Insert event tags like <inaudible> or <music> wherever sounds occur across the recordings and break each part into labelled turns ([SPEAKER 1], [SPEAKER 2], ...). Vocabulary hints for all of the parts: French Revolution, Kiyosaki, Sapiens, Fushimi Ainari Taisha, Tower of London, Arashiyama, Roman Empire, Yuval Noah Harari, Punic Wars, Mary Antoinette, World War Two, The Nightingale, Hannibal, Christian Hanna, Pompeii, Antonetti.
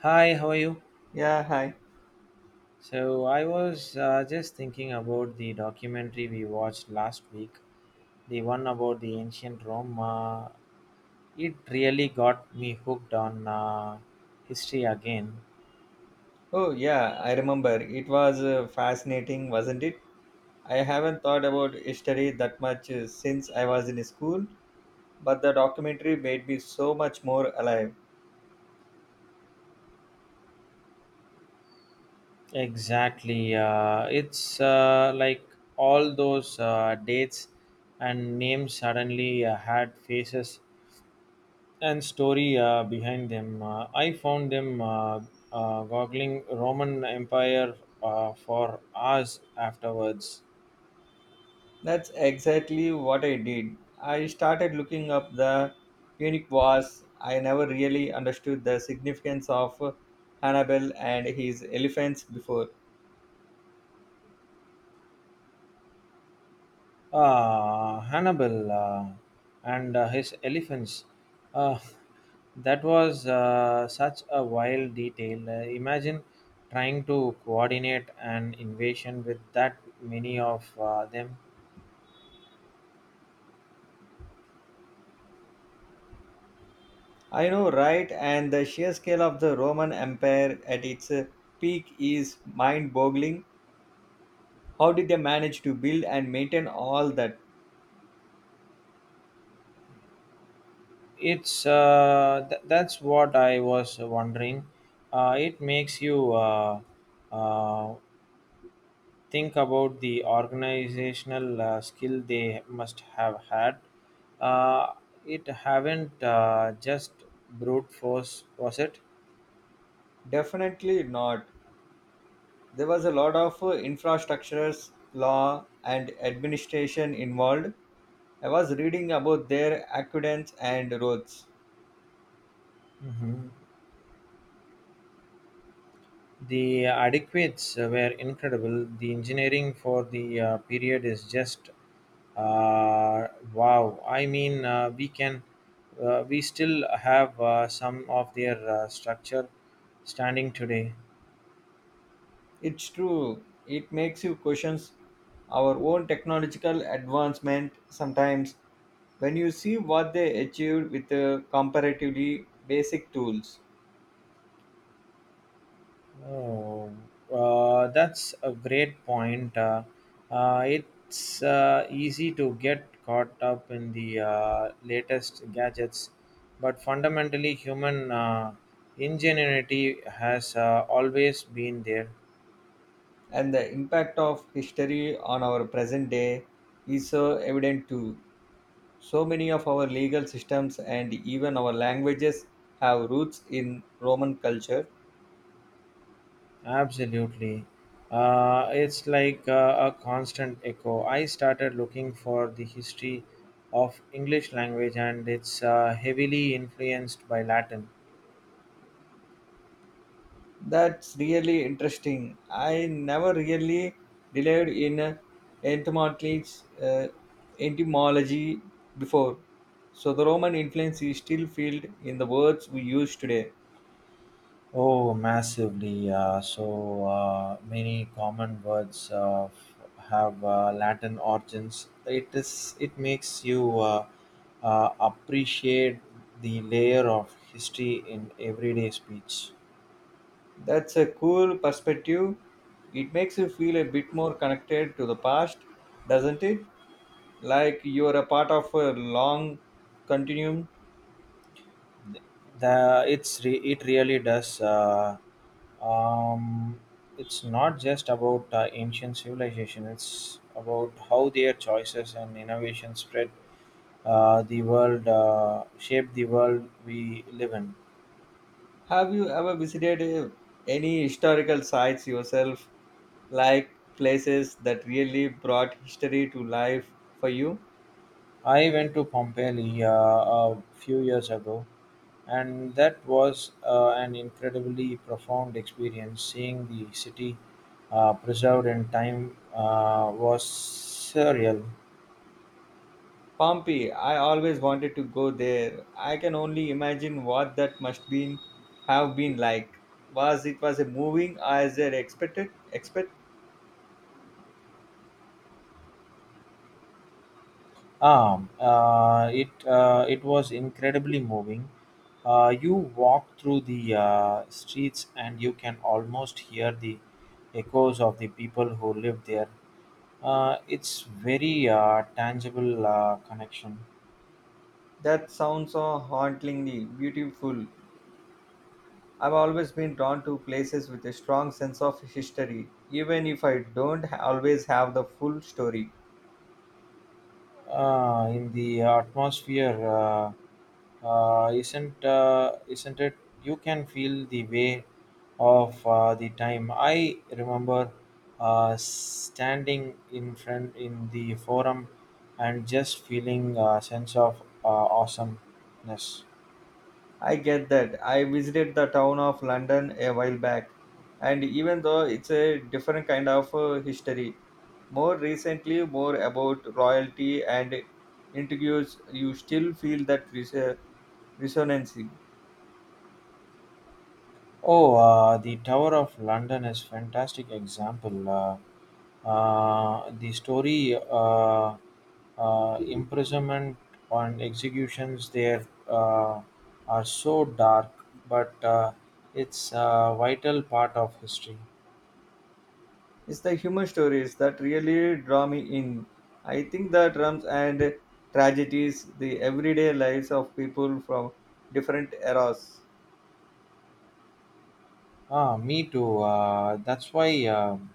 [SPEAKER 1] Hi, how are you?
[SPEAKER 2] Yeah, hi.
[SPEAKER 1] So, I was just thinking about the documentary we watched last week, the one about the ancient Rome. It really got me hooked on history again.
[SPEAKER 2] Oh, yeah, I remember. It was fascinating, wasn't it? I haven't thought about history that much since I was in school, but the documentary made me so much more alive.
[SPEAKER 1] Exactly. It's like all those dates and names suddenly had faces and story behind them. I found them goggling Roman Empire for hours afterwards.
[SPEAKER 2] That's exactly what I did. I started looking up the Punic Wars. I never really understood the significance of Hannibal and his elephants before.
[SPEAKER 1] Ah, Hannibal and his elephants. Uh, <laughs> that was such a wild detail. Imagine trying to coordinate an invasion with that many of them.
[SPEAKER 2] I know, right? And the sheer scale of the Roman Empire at its peak is mind boggling. How did they manage to build and maintain all that?
[SPEAKER 1] It's that's what I was wondering. It makes you uh, think about the organizational skill they must have had. Uh, it haven't just brute force, was it?
[SPEAKER 2] Definitely not. There was a lot of infrastructures, law, and administration involved. I was reading about their aqueducts and roads.
[SPEAKER 1] Hmm. The adequates were incredible. The engineering for the period is just uh, wow. I mean, we still have some of their structure standing today.
[SPEAKER 2] It's true, it makes you question our own technological advancement sometimes when you see what they achieved with comparatively basic tools,
[SPEAKER 1] Oh, that's a great point. It's easy to get caught up in the latest gadgets, but fundamentally, human ingenuity has always been there.
[SPEAKER 2] and the impact of history on our present day is so evident too. So many of our legal systems and even our languages have roots in Roman culture.
[SPEAKER 1] Absolutely. It's like a constant echo. I started looking for the history of English language, and it's heavily influenced by Latin.
[SPEAKER 2] That's really interesting. I never really delved in etymology, uh, etymology before. So the Roman influence is still felt in the words we use today.
[SPEAKER 1] Oh, massively. So many common words have Latin origins. It is. It makes you appreciate the layer of history in everyday speech.
[SPEAKER 2] That's a cool perspective. It makes you feel a bit more connected to the past, doesn't it? Like you're a part of a long continuum.
[SPEAKER 1] It really does um, it's not just about ancient civilization, it's about how their choices and innovation spread the world shaped the world we live in.
[SPEAKER 2] Have you ever visited any historical sites yourself, like places that really brought history to life for you?
[SPEAKER 1] I went to Pompeii a few years ago, and that was an incredibly profound experience. Seeing the city preserved in time was surreal.
[SPEAKER 2] Pompeii, I always wanted to go there. I can only imagine what that must been have been like. Was it was a moving as I expected? Expect
[SPEAKER 1] It was incredibly moving. You walk through the streets and you can almost hear the echoes of the people who live there. It's very tangible connection.
[SPEAKER 2] that sounds so hauntingly beautiful. I've always been drawn to places with a strong sense of history, even if I don't always have the full story.
[SPEAKER 1] In the atmosphere isn't it, you can feel the way of the time. I remember standing in front in the forum and just feeling a sense of awesomeness.
[SPEAKER 2] I get that. I visited the town of London a while back, and even though it's a different kind of history, more recently, more about royalty and intrigues, you still feel that resonance.
[SPEAKER 1] Oh, the Tower of London is fantastic example. The story, imprisonment and executions there are so dark, but it's a vital part of history.
[SPEAKER 2] It's the human stories that really draw me in. I think the drums and tragedies, the everyday lives of people from different eras.
[SPEAKER 1] Ah, me too. That's why. um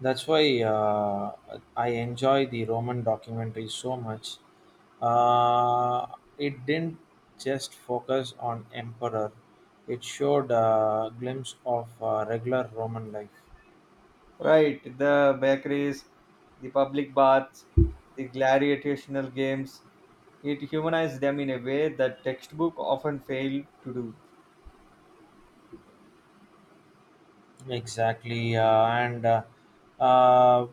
[SPEAKER 1] That's why uh, I enjoy the Roman documentary so much. Uh, it didn't just focus on emperor; it showed a glimpse of regular Roman life.
[SPEAKER 2] Right, the bakeries, the public baths, the gladiatorial games. It humanized them in a way that textbook often failed to do.
[SPEAKER 1] Exactly, and uh,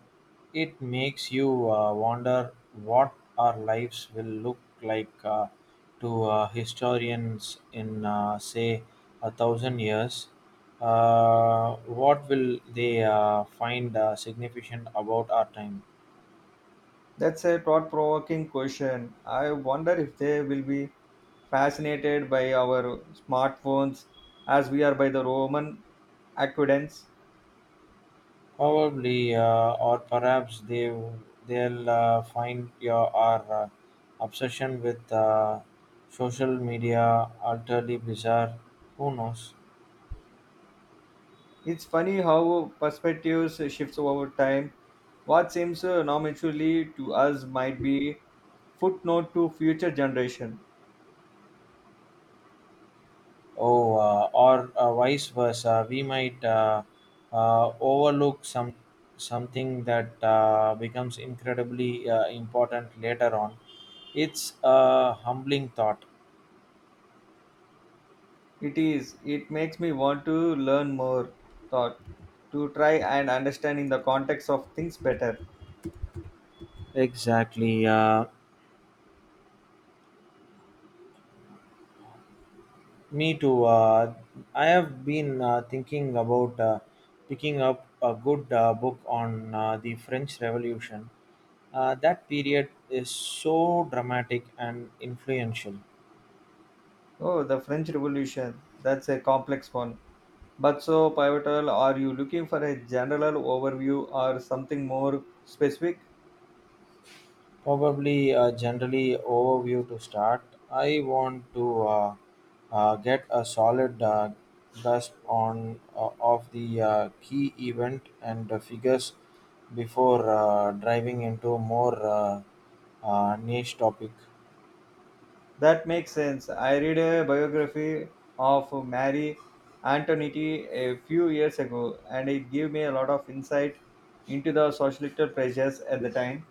[SPEAKER 1] it makes you wonder what our lives will look like to historians in, say, a thousand years. What will they find significant about our time?
[SPEAKER 2] That's a thought-provoking question. I wonder if they will be fascinated by our smartphones as we are by the Roman aqueducts.
[SPEAKER 1] Probably, or perhaps they'll find your our obsession with social media utterly bizarre. Who knows?
[SPEAKER 2] It's funny how perspectives shifts over time. What seems non to us might be footnote to future generation.
[SPEAKER 1] Oh, or vice versa, we might overlook something that becomes incredibly important later on. It's a humbling thought.
[SPEAKER 2] It is. It makes me want to learn more, thought, to try and understand in the context of things better.
[SPEAKER 1] Exactly. Me too. I have been thinking about picking up a good book on the French Revolution. That period is so dramatic and influential.
[SPEAKER 2] Oh, the French Revolution. That's a complex one. But so pivotal, are you looking for a general overview or something more specific?
[SPEAKER 1] Probably generally overview to start. I want to get a solid grasp on of the key event and the figures before driving into more niche topic.
[SPEAKER 2] That makes sense. I read a biography of Mary Antoinette a few years ago, and it gave me a lot of insight into the societal pressures at the time.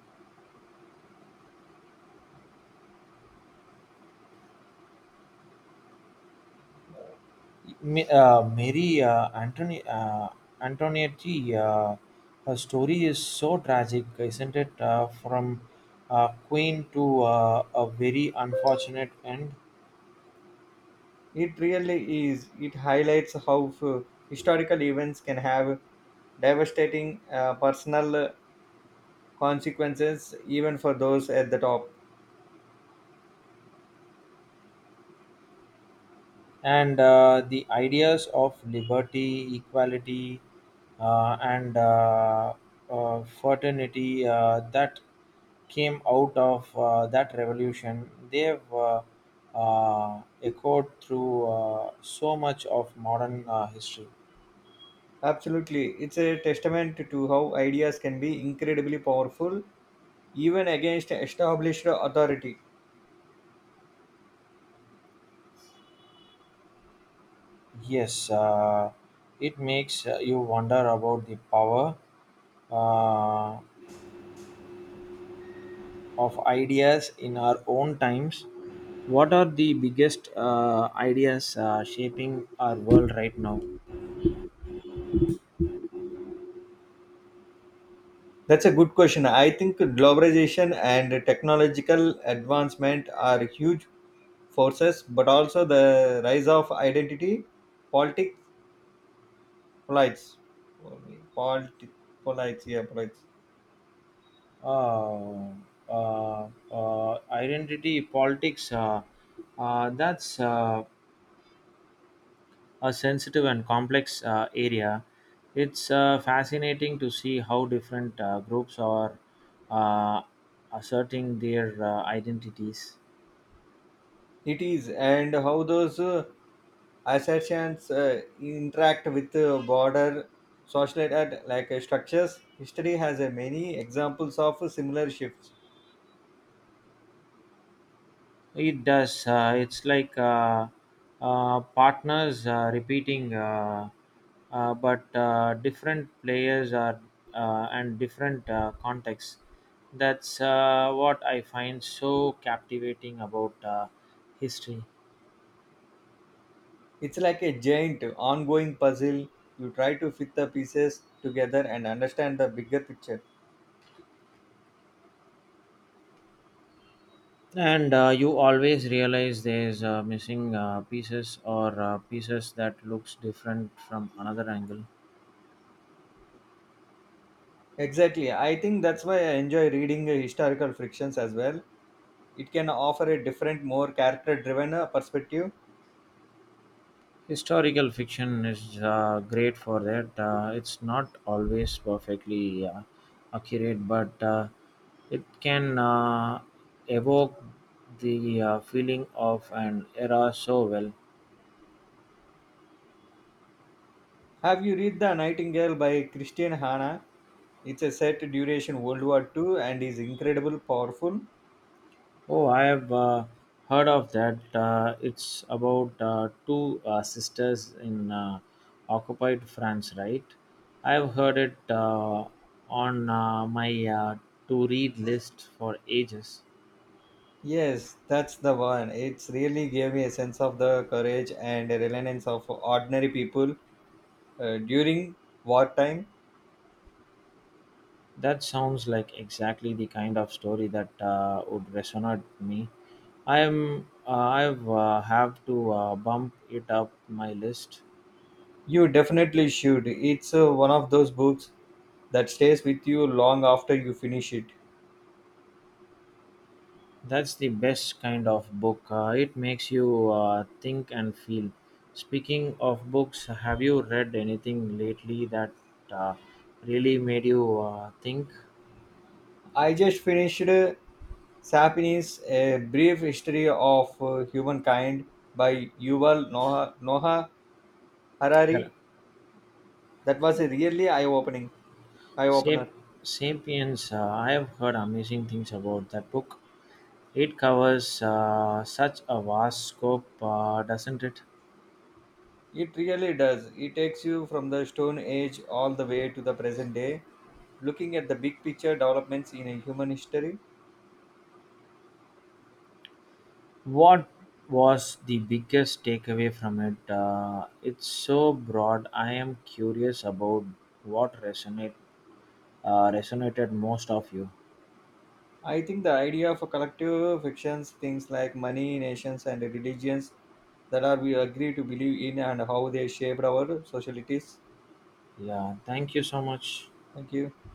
[SPEAKER 1] Mary Antonetti, her story is so tragic, isn't it? From queen to a very unfortunate end.
[SPEAKER 2] It really is. It highlights how historical events can have devastating personal consequences, even for those at the top.
[SPEAKER 1] And the ideas of liberty, equality, and fraternity that came out of that revolution, they've echoed through so much of modern history.
[SPEAKER 2] Absolutely. It's a testament to how ideas can be incredibly powerful, even against established authority.
[SPEAKER 1] Yes, it makes you wonder about the power uh, of ideas in our own times. What are the biggest ideas shaping our world right now?
[SPEAKER 2] That's a good question. I think globalization and technological advancement are huge forces, but also the rise of identity politics. Polites. Poli- Politi- Polites, yeah, polites.
[SPEAKER 1] uh, Identity politics that's a sensitive and complex area. It's fascinating to see how different groups are uh, asserting their identities.
[SPEAKER 2] It is, and how those assertions interact with border social structures. History has many examples of similar shifts.
[SPEAKER 1] It does. It's like partners repeating, but different players are and different contexts. That's what I find so captivating about history.
[SPEAKER 2] It's like a giant ongoing puzzle. You try to fit the pieces together and understand the bigger picture.
[SPEAKER 1] And you always realize there's missing pieces or pieces that looks different from another angle.
[SPEAKER 2] Exactly. I think that's why I enjoy reading historical frictions as well. It can offer a different, more character driven perspective.
[SPEAKER 1] Historical fiction is great for that. It's not always perfectly accurate, but it can evoke the feeling of an era so well.
[SPEAKER 2] Have you read The Nightingale by Christian Hanna? It's a set duration World War II and is incredible powerful.
[SPEAKER 1] Oh, I have heard of that. It's about two sisters in occupied France, right? I have heard it on my to read list for ages.
[SPEAKER 2] Yes, that's the one. It's really gave me a sense of the courage and resilience of ordinary people during wartime.
[SPEAKER 1] That sounds like exactly the kind of story that would resonate with me. I've have to bump it up my list.
[SPEAKER 2] You definitely should. It's one of those books that stays with you long after you finish it.
[SPEAKER 1] That's the best kind of book. It makes you think and feel. Speaking of books, have you read anything lately that uh, really made you think?
[SPEAKER 2] I just finished Sapiens, A Brief History of Humankind by Yuval Noah
[SPEAKER 1] Hell,
[SPEAKER 2] Harari, that was a really eye-opening, eye-opener.
[SPEAKER 1] Sap- Sapiens, I have heard amazing things about that book. It covers such a vast scope, doesn't it?
[SPEAKER 2] It really does. It takes you from the Stone Age all the way to the present day, looking at the big picture developments in a human history.
[SPEAKER 1] What was the biggest takeaway from it? It's so broad. I am curious about what resonated most of you.
[SPEAKER 2] I think the idea of a collective fictions, things like money, nations, and religions that are we agree to believe in and how they shaped our societies.
[SPEAKER 1] Yeah, thank you so much.
[SPEAKER 2] Thank you.